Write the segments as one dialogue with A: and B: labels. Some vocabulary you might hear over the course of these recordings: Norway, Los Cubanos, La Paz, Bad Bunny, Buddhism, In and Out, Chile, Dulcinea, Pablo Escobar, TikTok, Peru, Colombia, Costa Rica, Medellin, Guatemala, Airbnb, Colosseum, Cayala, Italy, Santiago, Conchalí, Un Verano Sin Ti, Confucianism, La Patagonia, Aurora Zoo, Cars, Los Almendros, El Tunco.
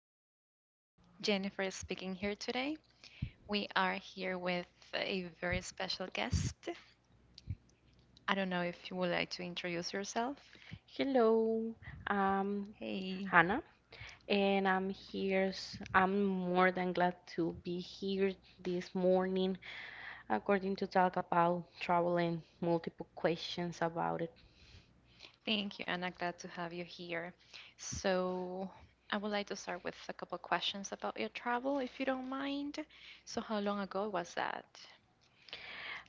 A: podcast. Jennifer is speaking here today. We are here with a very special guest. I don't know if you would like to introduce yourself.
B: Hello, I'm
A: Hey,
B: Hannah, and I'm here. I'm more than glad to be here this morning, according to talk about travel and multiple questions about it.
A: thank you, Anna. Glad to have you here. So, I would like to start with a couple questions about your travel, if you don't mind. So, how long ago was that?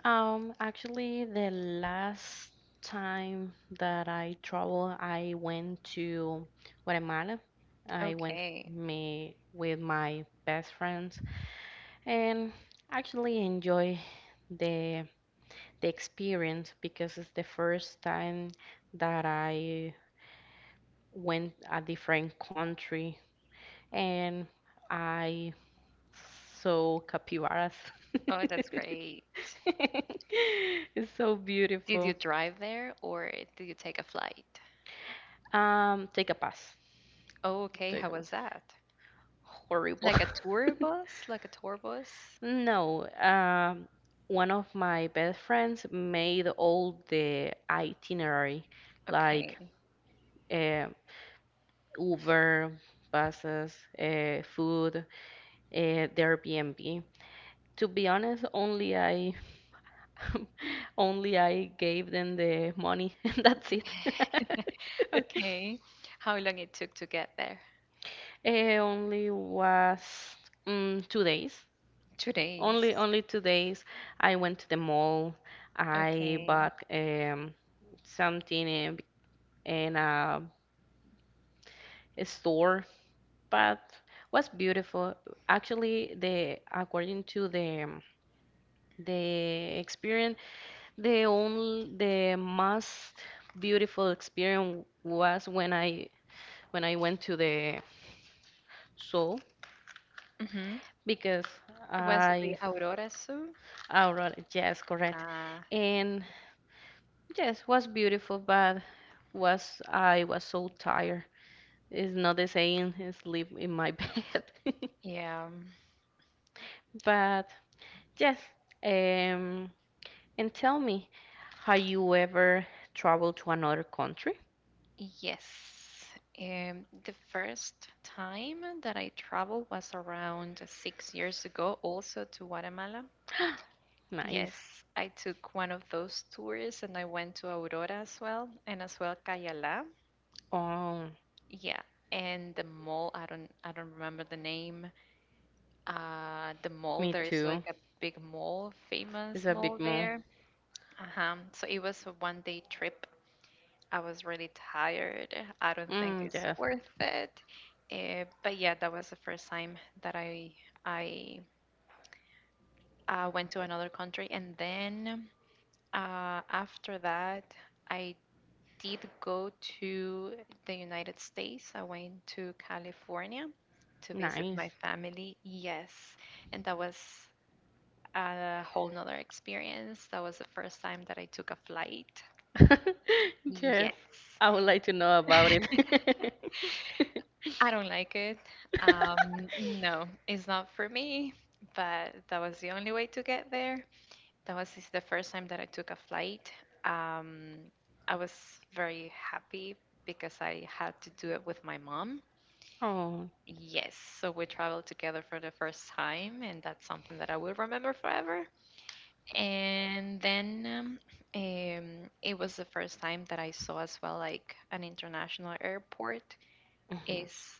B: Actually, the last time that I traveled, I went to Guatemala. I went
A: Okay.
B: me with my best friends and actually enjoy the the experience because it's the first time that I went a different country and I saw capybaras.
A: Oh, that's great.
B: It's so
A: Did you
B: beautiful.
A: drive there or did you take a flight?
B: Take a pass.
A: Oh, okay.
B: Take
A: How
B: a pass.
A: was that?
B: Horrible.
A: Like a tour bus? Like a tour bus?
B: No, one of my best friends made all the itinerary, like
A: Okay.
B: uh, Uber, buses, food, the Airbnb. To be honest, only I, only I gave them the money, and that's it.
A: Okay. How long it took to get there?
B: Eh, only was 2 days.
A: Two
B: Only,
A: days.
B: only 2 days. I went to the mall. I
A: Okay.
B: bought something in a store, but was beautiful. Actually, the according to the experience, the most beautiful experience was when I went to the Seoul
A: hmm
B: because
A: Was it the
B: I
A: Aurora Zoo?
B: Aurora, yes, correct.
A: Ah,
B: And yes, was beautiful, but was I was so tired. It's not the same as sleep in my bed.
A: yeah.
B: But yes, um, and tell me, have you ever traveled to another country?
A: Yes. The first time that I traveled was around six years ago, also to Guatemala.
B: Nice.
A: Yes, I took one of those tours and I went to Aurora as well, and as well Cayala.
B: Um,
A: Yeah, and the mall, I don't remember the name. The mall,
B: Me
A: there is like
B: too.
A: a big mall,
B: It's
A: famous
B: a
A: mall
B: big move.
A: there. Uh-huh. So it was a one day trip. I was really tired. I don't think
B: Mm,
A: it's
B: yes.
A: worth it. But yeah, that was the first time that I went to another country, and then after that I did go to the United States. I went to California to visit my
B: Nice.
A: family. Yes. And that was a whole nother experience. That was the first time that I took a flight.
B: Yes.
A: Yes.
B: I would like to know about it.
A: I don't like it. No, it's not for me, but that was the only way to get there. That was is the first time that I took a flight. Um, I was very happy because I had to do it with my mom.
B: Oh,
A: Yes, so we traveled together for the first time, and that's something that I will remember forever. And then it was the first time that I saw as well like an international airport
B: mhm.
A: is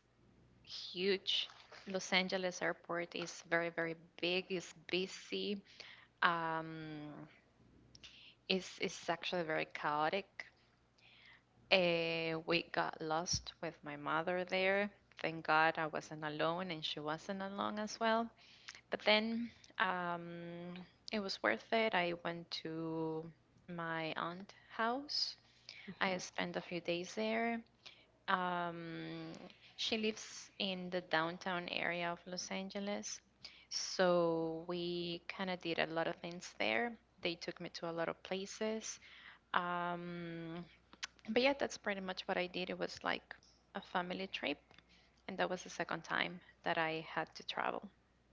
A: huge. Los Angeles airport is very, very big, it's busy. Um, it's actually very chaotic. We got lost with my mother there. Thank God I wasn't alone and she wasn't alone as well. But then um, it was worth it. I went to my aunt's house. I spent a few days there. Um, she lives in the downtown area of Los Angeles. So we kind of did a lot of things there. They took me to a lot of places. Um, but yeah, that's pretty much what I did. It was like a family trip, and that was the second time that I had to travel,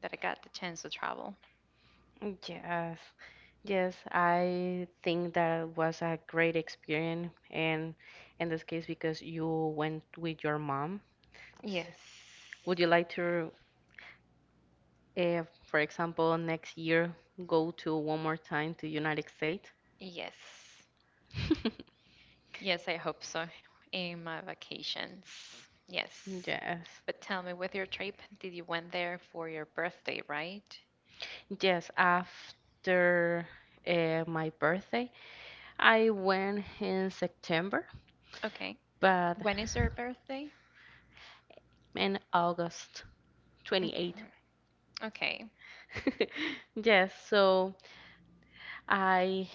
A: that I got the chance to travel.
B: Yes. Yes, I think that was a great experience and in this case because you went with your mom. S-
A: Yes.
B: Would you like to, for example, next year go to one more time to United States?
A: Yes. Yes, I hope so. In my vacations. Yes.
B: Yes.
A: But tell me, with your trip, did you went there for your birthday, right?
B: Yes, after my birthday, I went in September,
A: Okay.
B: but
A: When is your birthday?
B: in August 28th.
A: Okay. Okay.
B: Yes, so I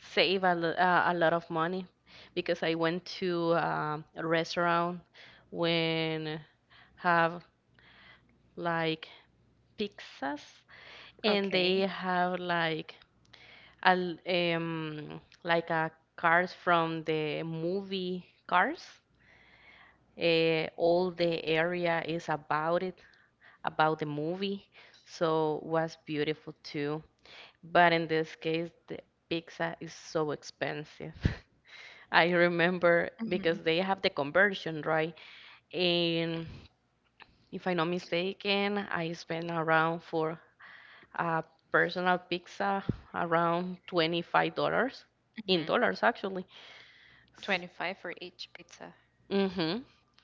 B: save a, a lot of money because I went to a restaurant when have like pizzas and they
A: Okay.
B: have like Al like cars from the movie Cars. All the area is about it, about the movie, so was beautiful too. But in this case, the pizza is so expensive. I remember because
A: Mm-hmm.
B: they have the conversion, right? And if I'm not mistaken, I spent around for a personal pizza around $25 in
A: Mm-hmm.
B: dollars actually.
A: 25 for each pizza.
B: Mm-hmm.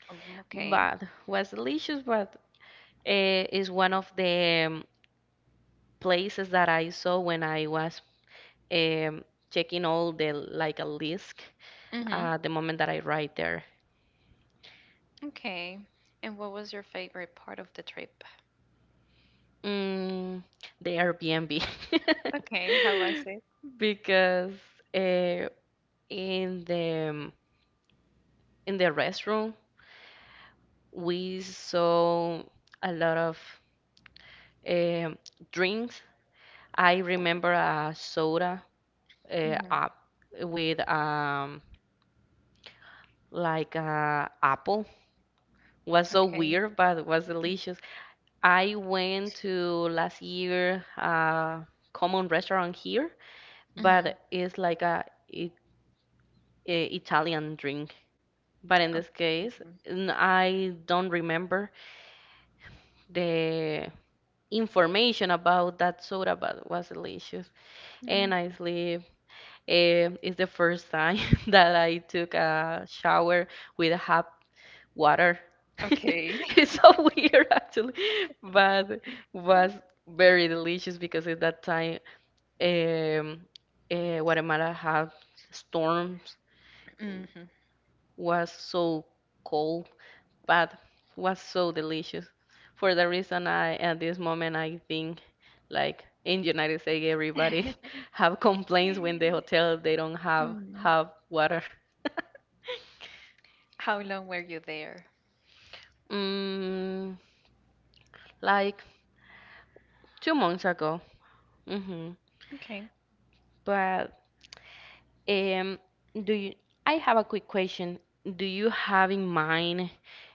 A: Okay.
B: But was delicious, but is one of the places that I saw when I was checking all the like a list
A: Mm-hmm.
B: the moment that I write there.
A: Okay. And what was your favorite part of the trip?
B: Mm, the Airbnb.
A: Okay. How was it?
B: Because uh, in the um, in the restroom we saw a lot of um drinks. I remember a soda
A: Mm-hmm.
B: up with like apple. Was so
A: Okay.
B: weird, but it was delicious. I went to last year a common restaurant here,
A: Mm-hmm.
B: but it's like a, I- a Italian drink. But in this case, I don't remember the information about that soda, but it was delicious.
A: Mm-hmm.
B: And I sleep. Eh, it's the first time that I took a shower with a hot water.
A: Okay.
B: It's so weird actually, but was very delicious because at that time um, Guatemala had storms,
A: Mm-hmm.
B: was so cold, but was so delicious. For the reason I at this moment I think like in United States everybody have complaints when the hotel they don't have water.
A: How long were you there?
B: Mm, like 2 months ago. Hmm.
A: Okay.
B: But Um, do you, I have a quick question. Do you have in mind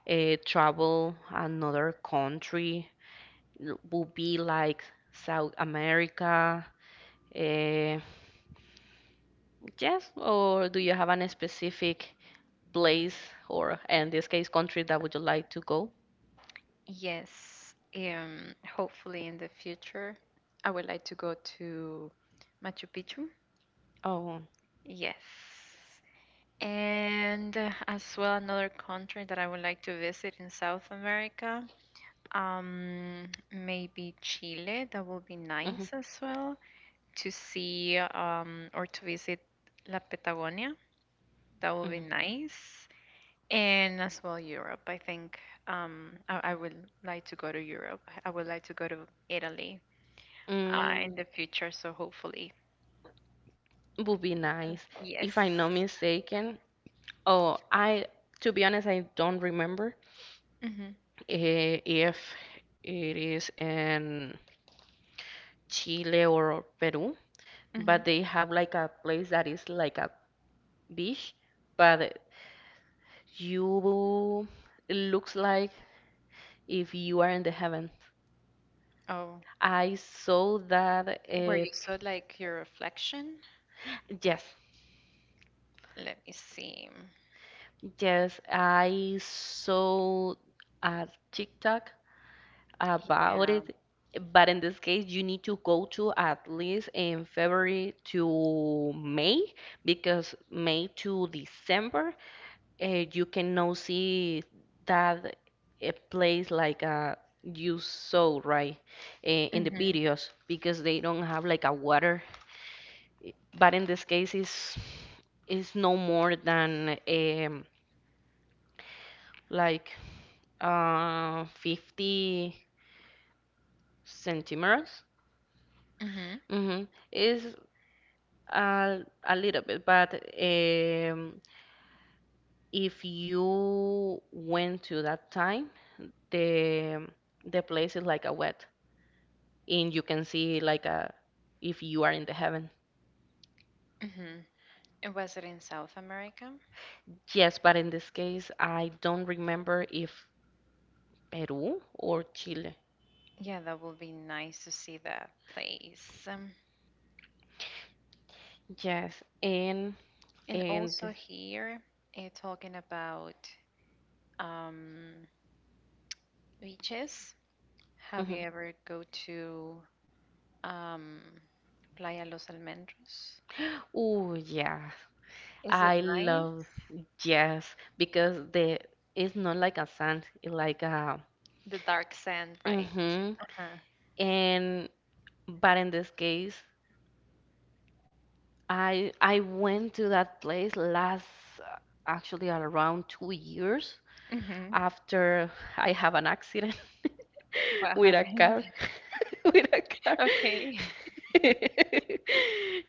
B: travel another country? Would be like South America? Uh, yes, or do you have an specific place or in this case country that would you like to go?
A: Yes. Hopefully in the future, I would like to go to Machu Picchu.
B: Oh,
A: Yes. And as well, another country that I would like to visit in South America. Um, maybe Chile. That would be
B: mhm,
A: nice as well to see or to visit La Patagonia. That would be
B: mhm.
A: nice. And as well, Europe. I think I would like to go to Europe. I would like to go to Italy
B: Mm,
A: in the future. So hopefully,
B: would be nice.
A: yes.
B: If I'm not mistaken, oh, I to be honest, I don't remember,
A: hmm
B: eh, if it is in Chile or Peru,
A: hmm
B: but they have like a place that is like a beach, but you it looks like if you are in the heaven.
A: Oh,
B: I saw that
A: where
B: uh,
A: you saw like your reflection?
B: yes,
A: Let me see.
B: yes, I saw a TikTok about
A: Yeah.
B: it. But in this case, you need to go to at least in February to May, because May to December, you cannot see that a place like you saw, right, in the
A: Mm-hmm.
B: videos, because they don't have like a water. But in this case, is no more than like 50 centimeters.
A: Mm-hmm.
B: Mm-hmm. Is A, a little bit, but um, if you went to that time, the the place is like a wet, and you can see like a if you are in the heaven.
A: Mm-hmm. And was it in South America?
B: Yes, but in this case, I don't remember if Peru or Chile.
A: Yeah, that would be nice to see that place. Um,
B: Yes, and
A: And also
B: and
A: here, talking about um, beaches, have
B: mhm.
A: you ever go to um, Playa Los Almendros?
B: Oh yeah,
A: Is it
B: I
A: nice?
B: love yes because the it's not like a sand, it's like a
A: The dark sand, right?
B: mm-hmm.
A: Uh-huh.
B: And But in this case, I went to that place last uh, actually at around 2 years
A: Mm-hmm.
B: after I have an accident
A: What
B: with a
A: happened?
B: car with a car.
A: Okay.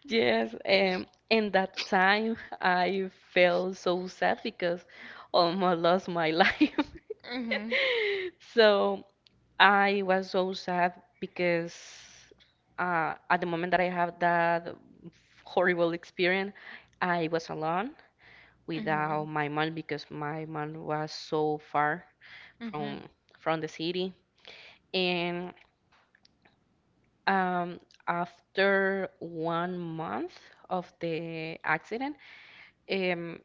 B: Yes, in that time I felt so sad because almost lost my life.
A: Mm-hmm.
B: So I was so sad because at the moment that I had that horrible experience, I was alone
A: Mm-hmm.
B: without my mom because my mom was so far
A: Mm-hmm.
B: from from the city. And um, after 1 month of the accident, um,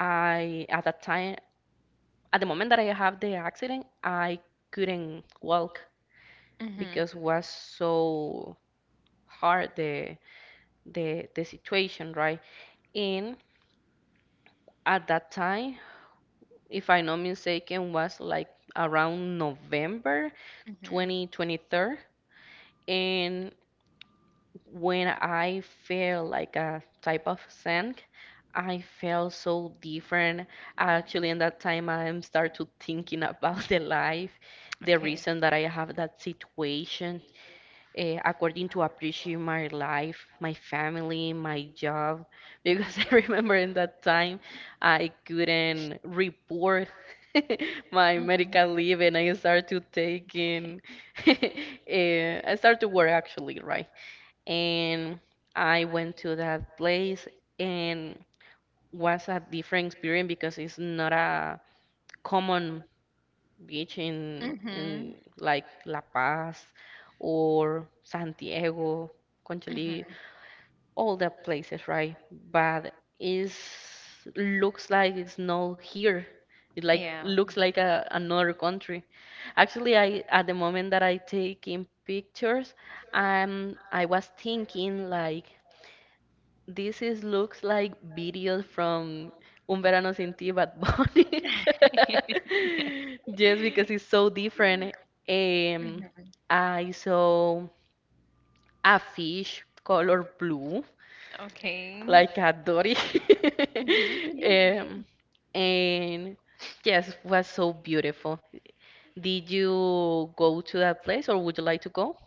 B: I at that time, at the moment that I have the accident, I couldn't walk
A: Mm-hmm.
B: because was so hard the situation, right? And at that time, if I'm not mistaken, was like around November
A: Mm-hmm.
B: 2023. And when I felt like a type of sank, I felt so different. Actually, in that time, I am start to thinking about the life, the
A: Okay.
B: reason that I have that situation, according to appreciate my life, my family, my job, because I remember in that time I couldn't report my
A: Mm-hmm.
B: medical leave and I started to taking, eh, I started to work actually, right? And I went to that place and was a different experience because it's not a common beach in
A: Mm-hmm.
B: like La Paz or Santiago,
A: Mm-hmm.
B: Conchalí, all the places, right? But is looks like it's not here. It like
A: Yeah.
B: looks like a, another country. Actually, I at the moment that I taking pictures, I was thinking like this is looks like videos from Un Verano Sin Ti, Bad Bunny. Just
A: Mhm.
B: because it's so different. Um, I saw a fish color blue,
A: Okay.
B: like a Dory.
A: Mhm.
B: Um, and yes, was so beautiful. Did you go to that place or would you like to go?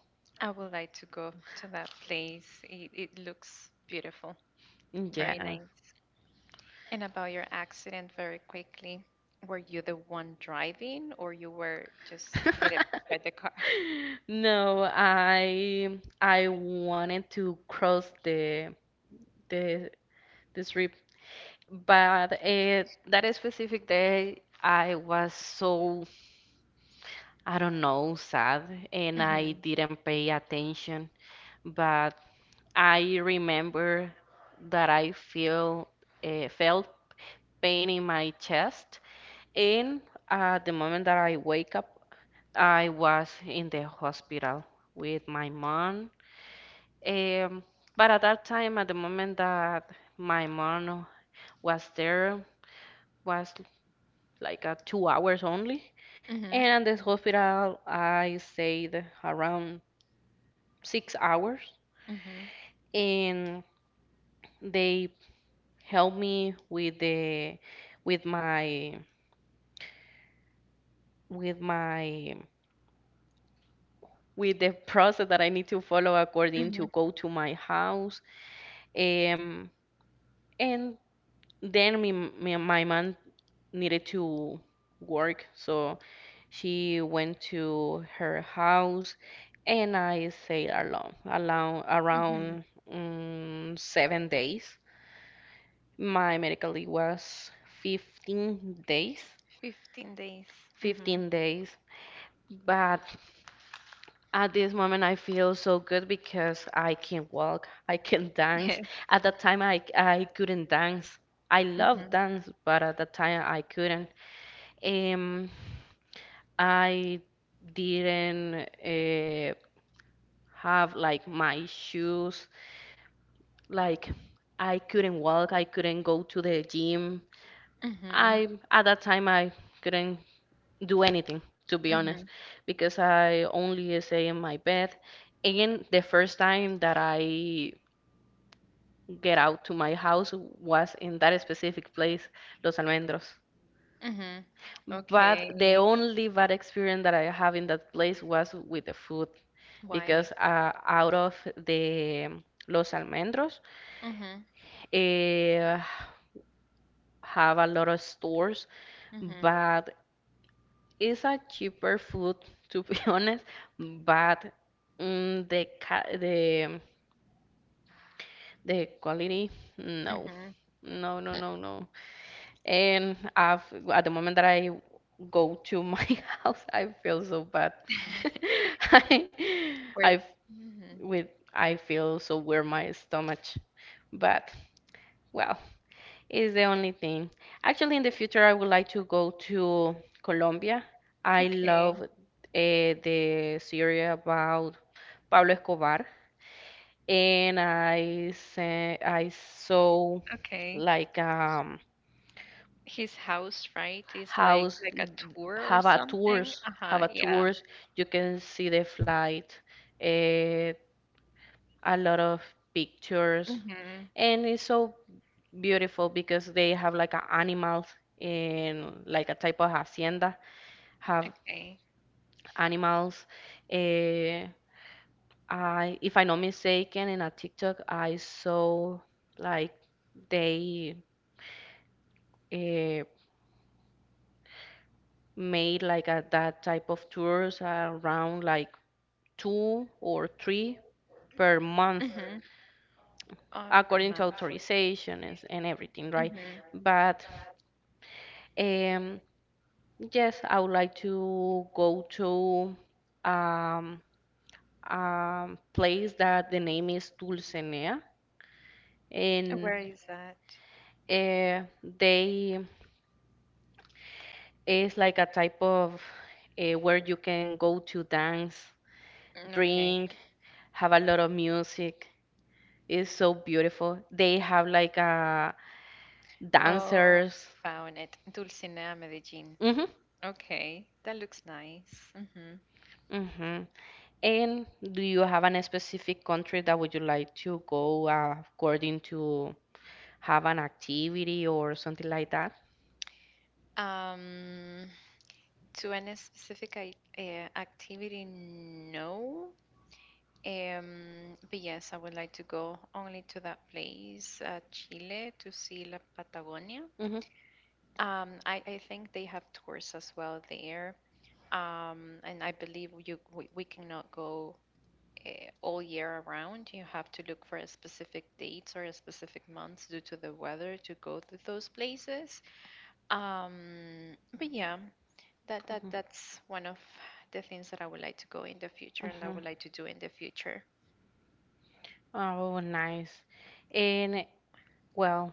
A: I would like to go to that place. It looks beautiful, very
B: Yeah.
A: nice. And about your accident, very quickly, were you the one driving or you were just hit up by the car?
B: No, I wanted to cross the the strip, but that specific day I was so I don't know sad, and I
A: Mhm.
B: didn't pay attention. But I remember that I feel felt pain in my chest, and at the moment that I wake up, I was in the hospital with my mom. Um, but at that time, at the moment that my mom was there, was like 2 hours only.
A: Mhm.
B: And at this hospital, I stayed around 6 hours,
A: Mhm.
B: and they helped me with the with my with my with the process that I need to follow according to
A: Mhm.
B: go to my house. Um, and then my mom needed to work, so. She went to her house and I stayed alone
A: Mhm.
B: around 7 days. My medical leave was 15 days,
A: 15 days. Mhm.
B: 15 days. But at this moment, I feel so good because I can walk, I can dance.
A: Yes.
B: At that time, I couldn't dance. I love
A: Mhm.
B: dance, but at that time, I couldn't. Um, I didn't have like my issues. Like I couldn't walk, I couldn't go to the gym.
A: Mhm.
B: I at that time I couldn't do anything to be honest
A: Mhm.
B: because I only stay in my bed. And the first time that I get out to my house was in that specific place, Los Almendros.
A: Mhm.
B: But the
A: Okay.
B: only bad experience that I have in that place was with the food
A: Why?
B: because out of the Los Almendros,
A: Mhm.
B: eh, have a lot of stores,
A: Mhm.
B: but it's a cheaper food to be honest. But mm, the quality, no,
A: Mhm.
B: no, no, no, no. And I've at the moment that I go to my house, I feel so bad. I
A: Where?
B: I
A: Mhm.
B: with I feel so weird my stomach, but well. Is the only thing. Actually, in the future, I would like to go to Colombia. I
A: Okay.
B: love the series about Pablo Escobar, and I I saw
A: Okay.
B: like
A: His house, right, is like
B: house
A: a tour or
B: have a
A: something.
B: tours
A: Uh
B: have
A: huh.
B: a
A: Yeah.
B: tours. You can see the flight, uh, a lot of pictures,
A: Mhm.
B: and it's so beautiful because they have like a animals in like a type of hacienda, have
A: Okay.
B: animals. Eh, I, if I'm not mistaken, in a TikTok I saw like they eh, made like a, that type of tours around like two or three per
A: Mhm.
B: month
A: Per month.
B: according to authorization and everything,
A: Mhm.
B: right? But Um, yes, I would like to go to um, a place that the name is Dulcinea, and
A: Where is that?
B: they is like a type of where you can go to dance,
A: Okay.
B: drink, have a lot of music. It's so beautiful. They have like a
A: Oh,
B: dancers.
A: found it. Dulcinea, Medellin.
B: Mm-hmm.
A: Okay, that looks nice.
B: Mm-hmm. And do you have any specific country that would you like to go according to have an activity or something like that?
A: Um, To any specific activity, no. But yes, I would like to go only to that place, Chile, to see La Patagonia.
B: Mm-hmm.
A: I think they have tours as well there. And I believe we cannot go uh, all year around. You have to look for a specific dates or a specific months due to the weather to go to those places. But yeah, that
B: Mm-hmm.
A: that that's one of the things that I would like to go in the future and I
B: Mm-hmm.
A: would like to do in the future.
B: Oh, nice. And well,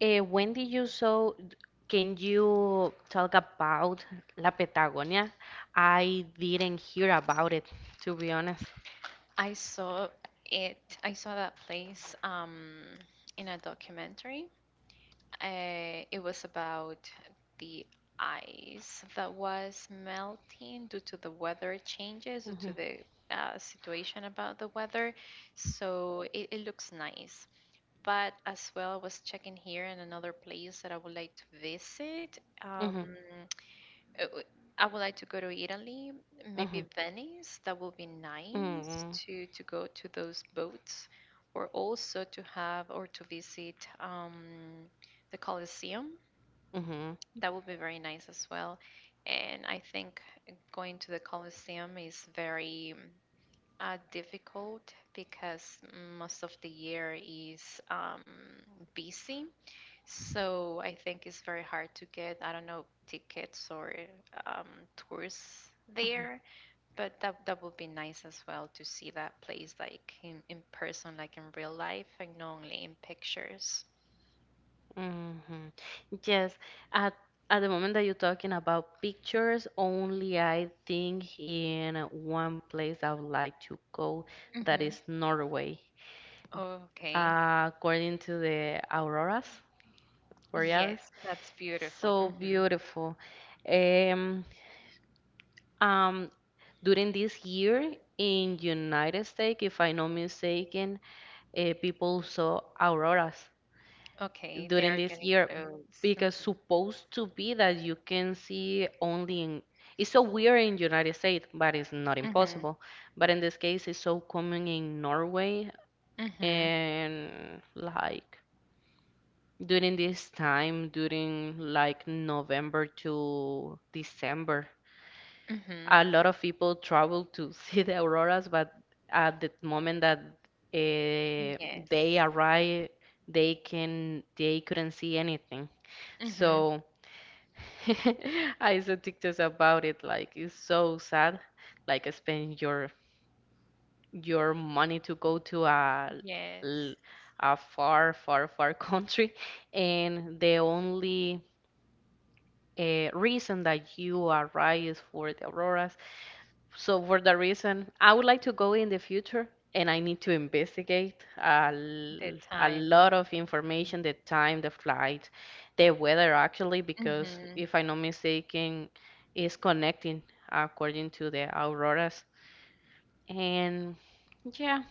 B: when did you so d- can you talk about La Patagonia? I didn't hear about it, to be honest.
A: I saw it. I saw that place in a documentary. It was about the ice that was melting due to the weather changes, due
B: Mm-hmm.
A: to the situation about the weather. So it looks nice. But as well, I was checking here in another place that I would like to visit.
B: Mm-hmm.
A: Uh, w- I would like to go to Italy,
B: Mm-hmm.
A: maybe Venice. That would be nice
B: Mm-hmm.
A: to go to those boats, or also to have or to visit the Colosseum.
B: Mm-hmm.
A: That would be very nice as well. And I think going to the Colosseum is very difficult because most of the year is busy, so I think it's very hard to get, I don't know, tickets or um, tours
B: Mm-hmm.
A: there, but that would be nice as well to see that place like in person, like in real life, and not only in pictures.
B: hmm Yes, at at the moment that you're talking about pictures, only I think in one place I would like to go, that
A: Mm-hmm.
B: is Norway.
A: Okay.
B: According to the auroras borealis,
A: Yes, that's beautiful.
B: so beautiful. Um, um, during this year in United States, if I'm not mistaken, people saw auroras
A: Okay, they are
B: during
A: getting
B: this year
A: clothes.
B: because supposed to be that you can see only in it's so weird in United States, but it's not
A: Mm-hmm. Mm-hmm.
B: impossible. But in this case, it's so common in Norway
A: Mm-hmm.
B: and like during this time, during like November to December,
A: Mm-hmm.
B: a lot of people travel to see the auroras, but at the moment that
A: Yes.
B: they arrive, they couldn't see anything.
A: Mm-hmm.
B: So I saw TikToks about it. Like it's so sad, like spending your money to go to
A: Yes.
B: l- a far country, and the only reason that you arrive is for the auroras, so for that reason, I would like to go in the future and I need to investigate
A: The
B: a
A: time. Yeah.
B: lot of information, the time, the flight, the weather actually, because
A: Mm-hmm.
B: if I'm not mistaken, it's connecting according to the auroras. And yeah,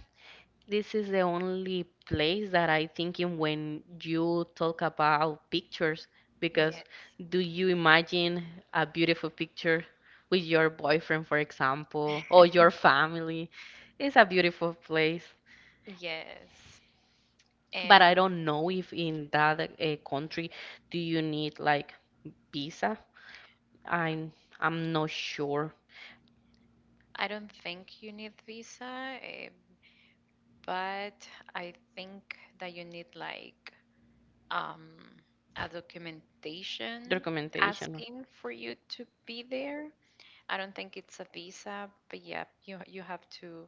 B: this is the only place that I think in when you talk about pictures, because
A: Yes.
B: do you imagine a beautiful picture with your boyfriend, for example, or your family? It's a beautiful place,
A: Yes.
B: but I
A: And
B: don't know if in that country do you need like visa. I'm I'm not sure.
A: I don't think you need visa, eh, but I think that you need like um a documentation
B: Documentation,
A: asking for you to be there. I don't think it's a visa, but yeah, you have to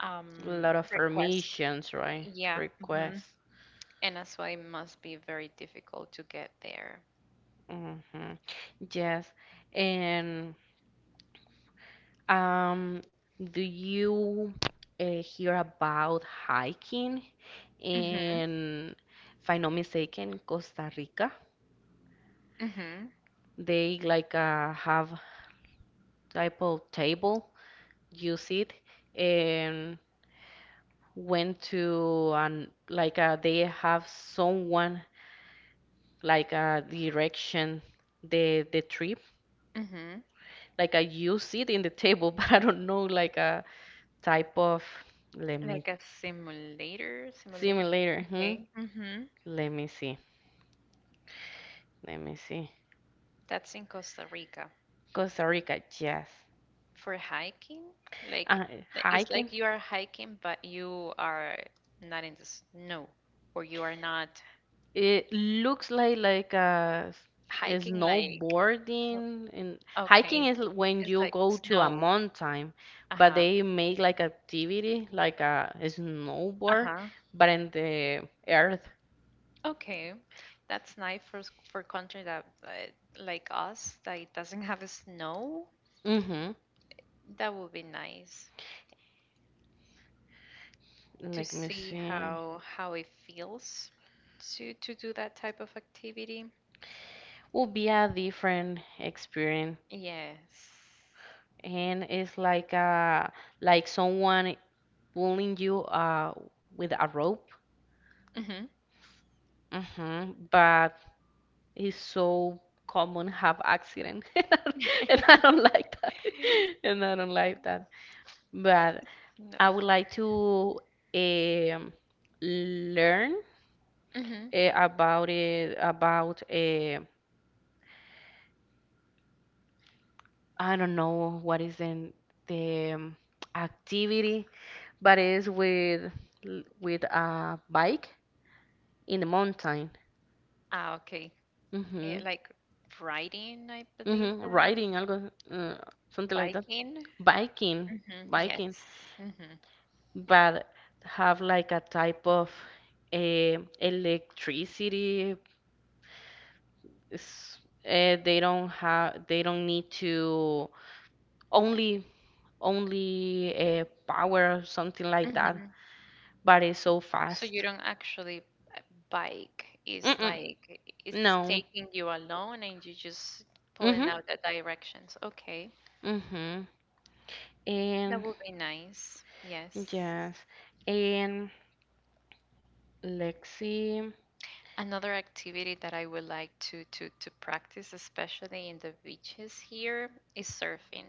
B: a lot of
A: request.
B: permissions, right?
A: Yeah, mhm.
B: Requests.
A: And that's why it must be very difficult to get there.
B: hmm Yes, and. Um, do you hear about hiking in, if I'm not mistaken, Costa Rica?
A: Mm-hmm.
B: They like have type of table, use it, and went to and like they have someone like direction the trip.
A: Mm-hmm.
B: Like I use it in the table, but I don't know like a type of. Let me
A: Like a simulator,
B: see me
A: simulation.
B: later. Hmm?
A: Okay. Mm-hmm.
B: Let me see. Let me see.
A: That's in Costa Rica
B: Costa Rica, yes.
A: for hiking. Like
B: Uh,
A: it's
B: hiking.
A: like you are hiking, but you are not in the snow, or you are not
B: It looks like a
A: hiking like. h-
B: snowboarding and
A: Okay,
B: hiking is when
A: it's
B: you
A: like
B: go to a
A: snow.
B: mountain,
A: Uh
B: but
A: huh.
B: they make like activity like a
A: Uh
B: snowboard,
A: huh.
B: but in the earth.
A: Okay, that's nice for for country that like us that it doesn't have a snow.
B: Mm-hmm.
A: That would be nice to
B: Let me
A: see
B: see.
A: how it feels to do that type of activity.
B: Would be a different experience,
A: Yes.
B: and it's like a like someone pulling you with a rope.
A: hmm
B: But it's so common have accident, and I don't like that, and I don't like that. But
A: No.
B: I would like to um, learn
A: hmm
B: about it, about I don't know what is in the activity, but it's with a bike in the mountain.
A: Ah, okay. Eh,
B: Mm-hmm.
A: like riding, I believe,
B: Mm-hmm. Riding, algo, something like that.
A: biking.
B: Biking,
A: Yes.
B: biking.
A: hmm
B: But have like a type of electricity. They don't have, they don't need to only only power or something like that.
A: hmm
B: But it's so
A: So you
B: fast.
A: don't actually uh, bike. It's
B: Mm-mm,
A: like it's
B: no.
A: taking you alone, and you just pulling
B: Mm-hmm.
A: out the directions. Okay,
B: Mm-hmm.
A: that
B: And
A: would be nice. Yes.
B: yes. And let's see.
A: Another activity that I would like to practice, especially in the beaches here, is surfing.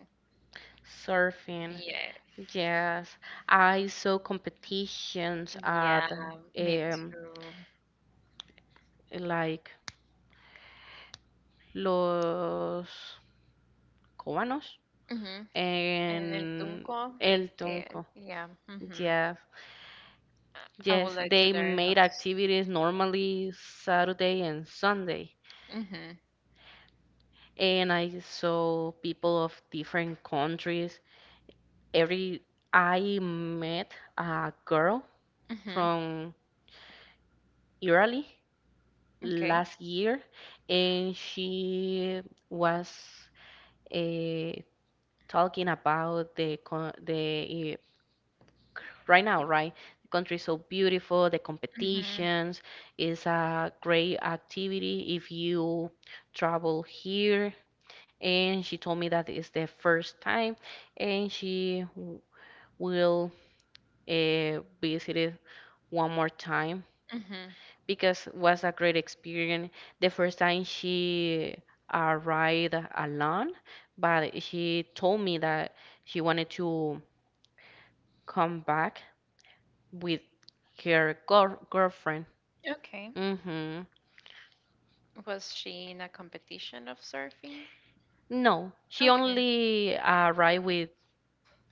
B: Surfing,
A: Yes.
B: yes. I saw competitions
A: Yeah,
B: at
A: me
B: um,
A: too.
B: like Los Cubanos
A: Mm-hmm. And el
B: and
A: tunco,
B: El
A: eh,
B: Tunco.
A: yeah. Mm-hmm.
B: Yes,
A: I would
B: yes.
A: like to
B: They
A: learn how
B: made activities normally Saturday and Sunday,
A: to. Mm-hmm.
B: and I saw people of different countries. Every I met a girl
A: Mm-hmm.
B: from Italy
A: Okay.
B: last year, and she was uh, talking about the uh, right now, right? The country is so beautiful, the
A: Mm-hmm.
B: competitions is a great activity if you travel here. And she told me that it's the first time, and she will visit it one more time
A: Mm-hmm.
B: because it was a great experience. The first time she arrived alone, but she told me that she wanted to come back with her girlfriend.
A: Okay.
B: hmm
A: Was she in a competition of surfing?
B: No, she
A: Okay.
B: only arrived with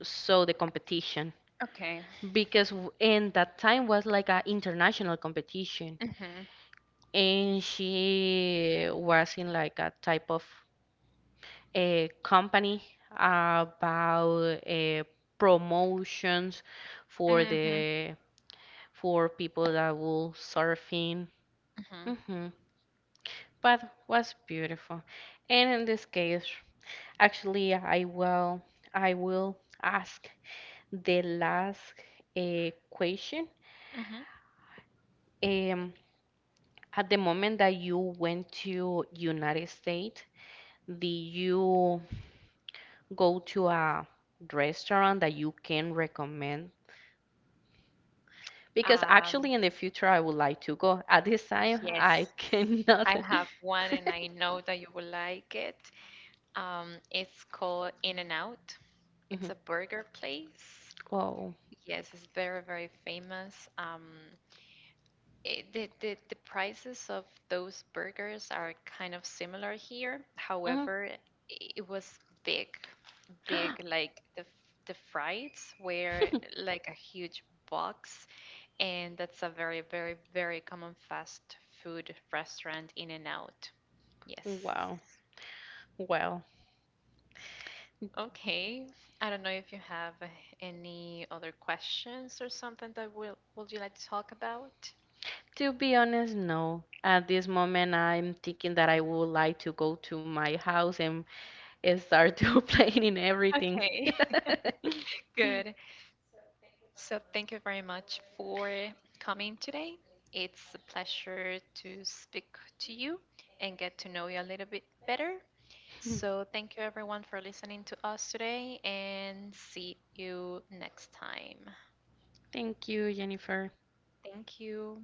B: so the competition
A: Okay.
B: because in that time was like a international competition
A: Mm-hmm.
B: and she was in like a type of a company about promotions for
A: Mm-hmm.
B: the for people that will surfing.
A: Mm-hmm.
B: hmm But was beautiful. And in this case, actually, I will ask the last question.
A: Mm-hmm.
B: Um, at the moment that you went to United States, did you go to a restaurant that you can recommend? Because
A: Um,
B: actually, in the future, I would like to go. At this time,
A: yes.
B: I cannot.
A: I have one and I know that you will like it. It's called In and Out. It's
B: Mhm.
A: a burger place.
B: Wow.
A: Yes, it's very, very famous. The prices of those burgers are kind of similar here.
B: Mhm.
A: However, it was big, big, like the, the fries were like a huge box, and that's a very, very, very common fast food restaurant, In and Out. Yes.
B: Wow. Well,
A: Okay. I don't know if you have any other questions or something that will would you like to talk about?
B: to be honest, no. At this moment, I'm thinking that I would like to go to my house and start to planning everything.
A: Okay. Good. So thank you very much for coming today. It's a pleasure to speak to you and get to know you a little bit better. So thank you everyone for listening to us today and see you next time.
B: Thank you, Jennifer.
A: Thank you.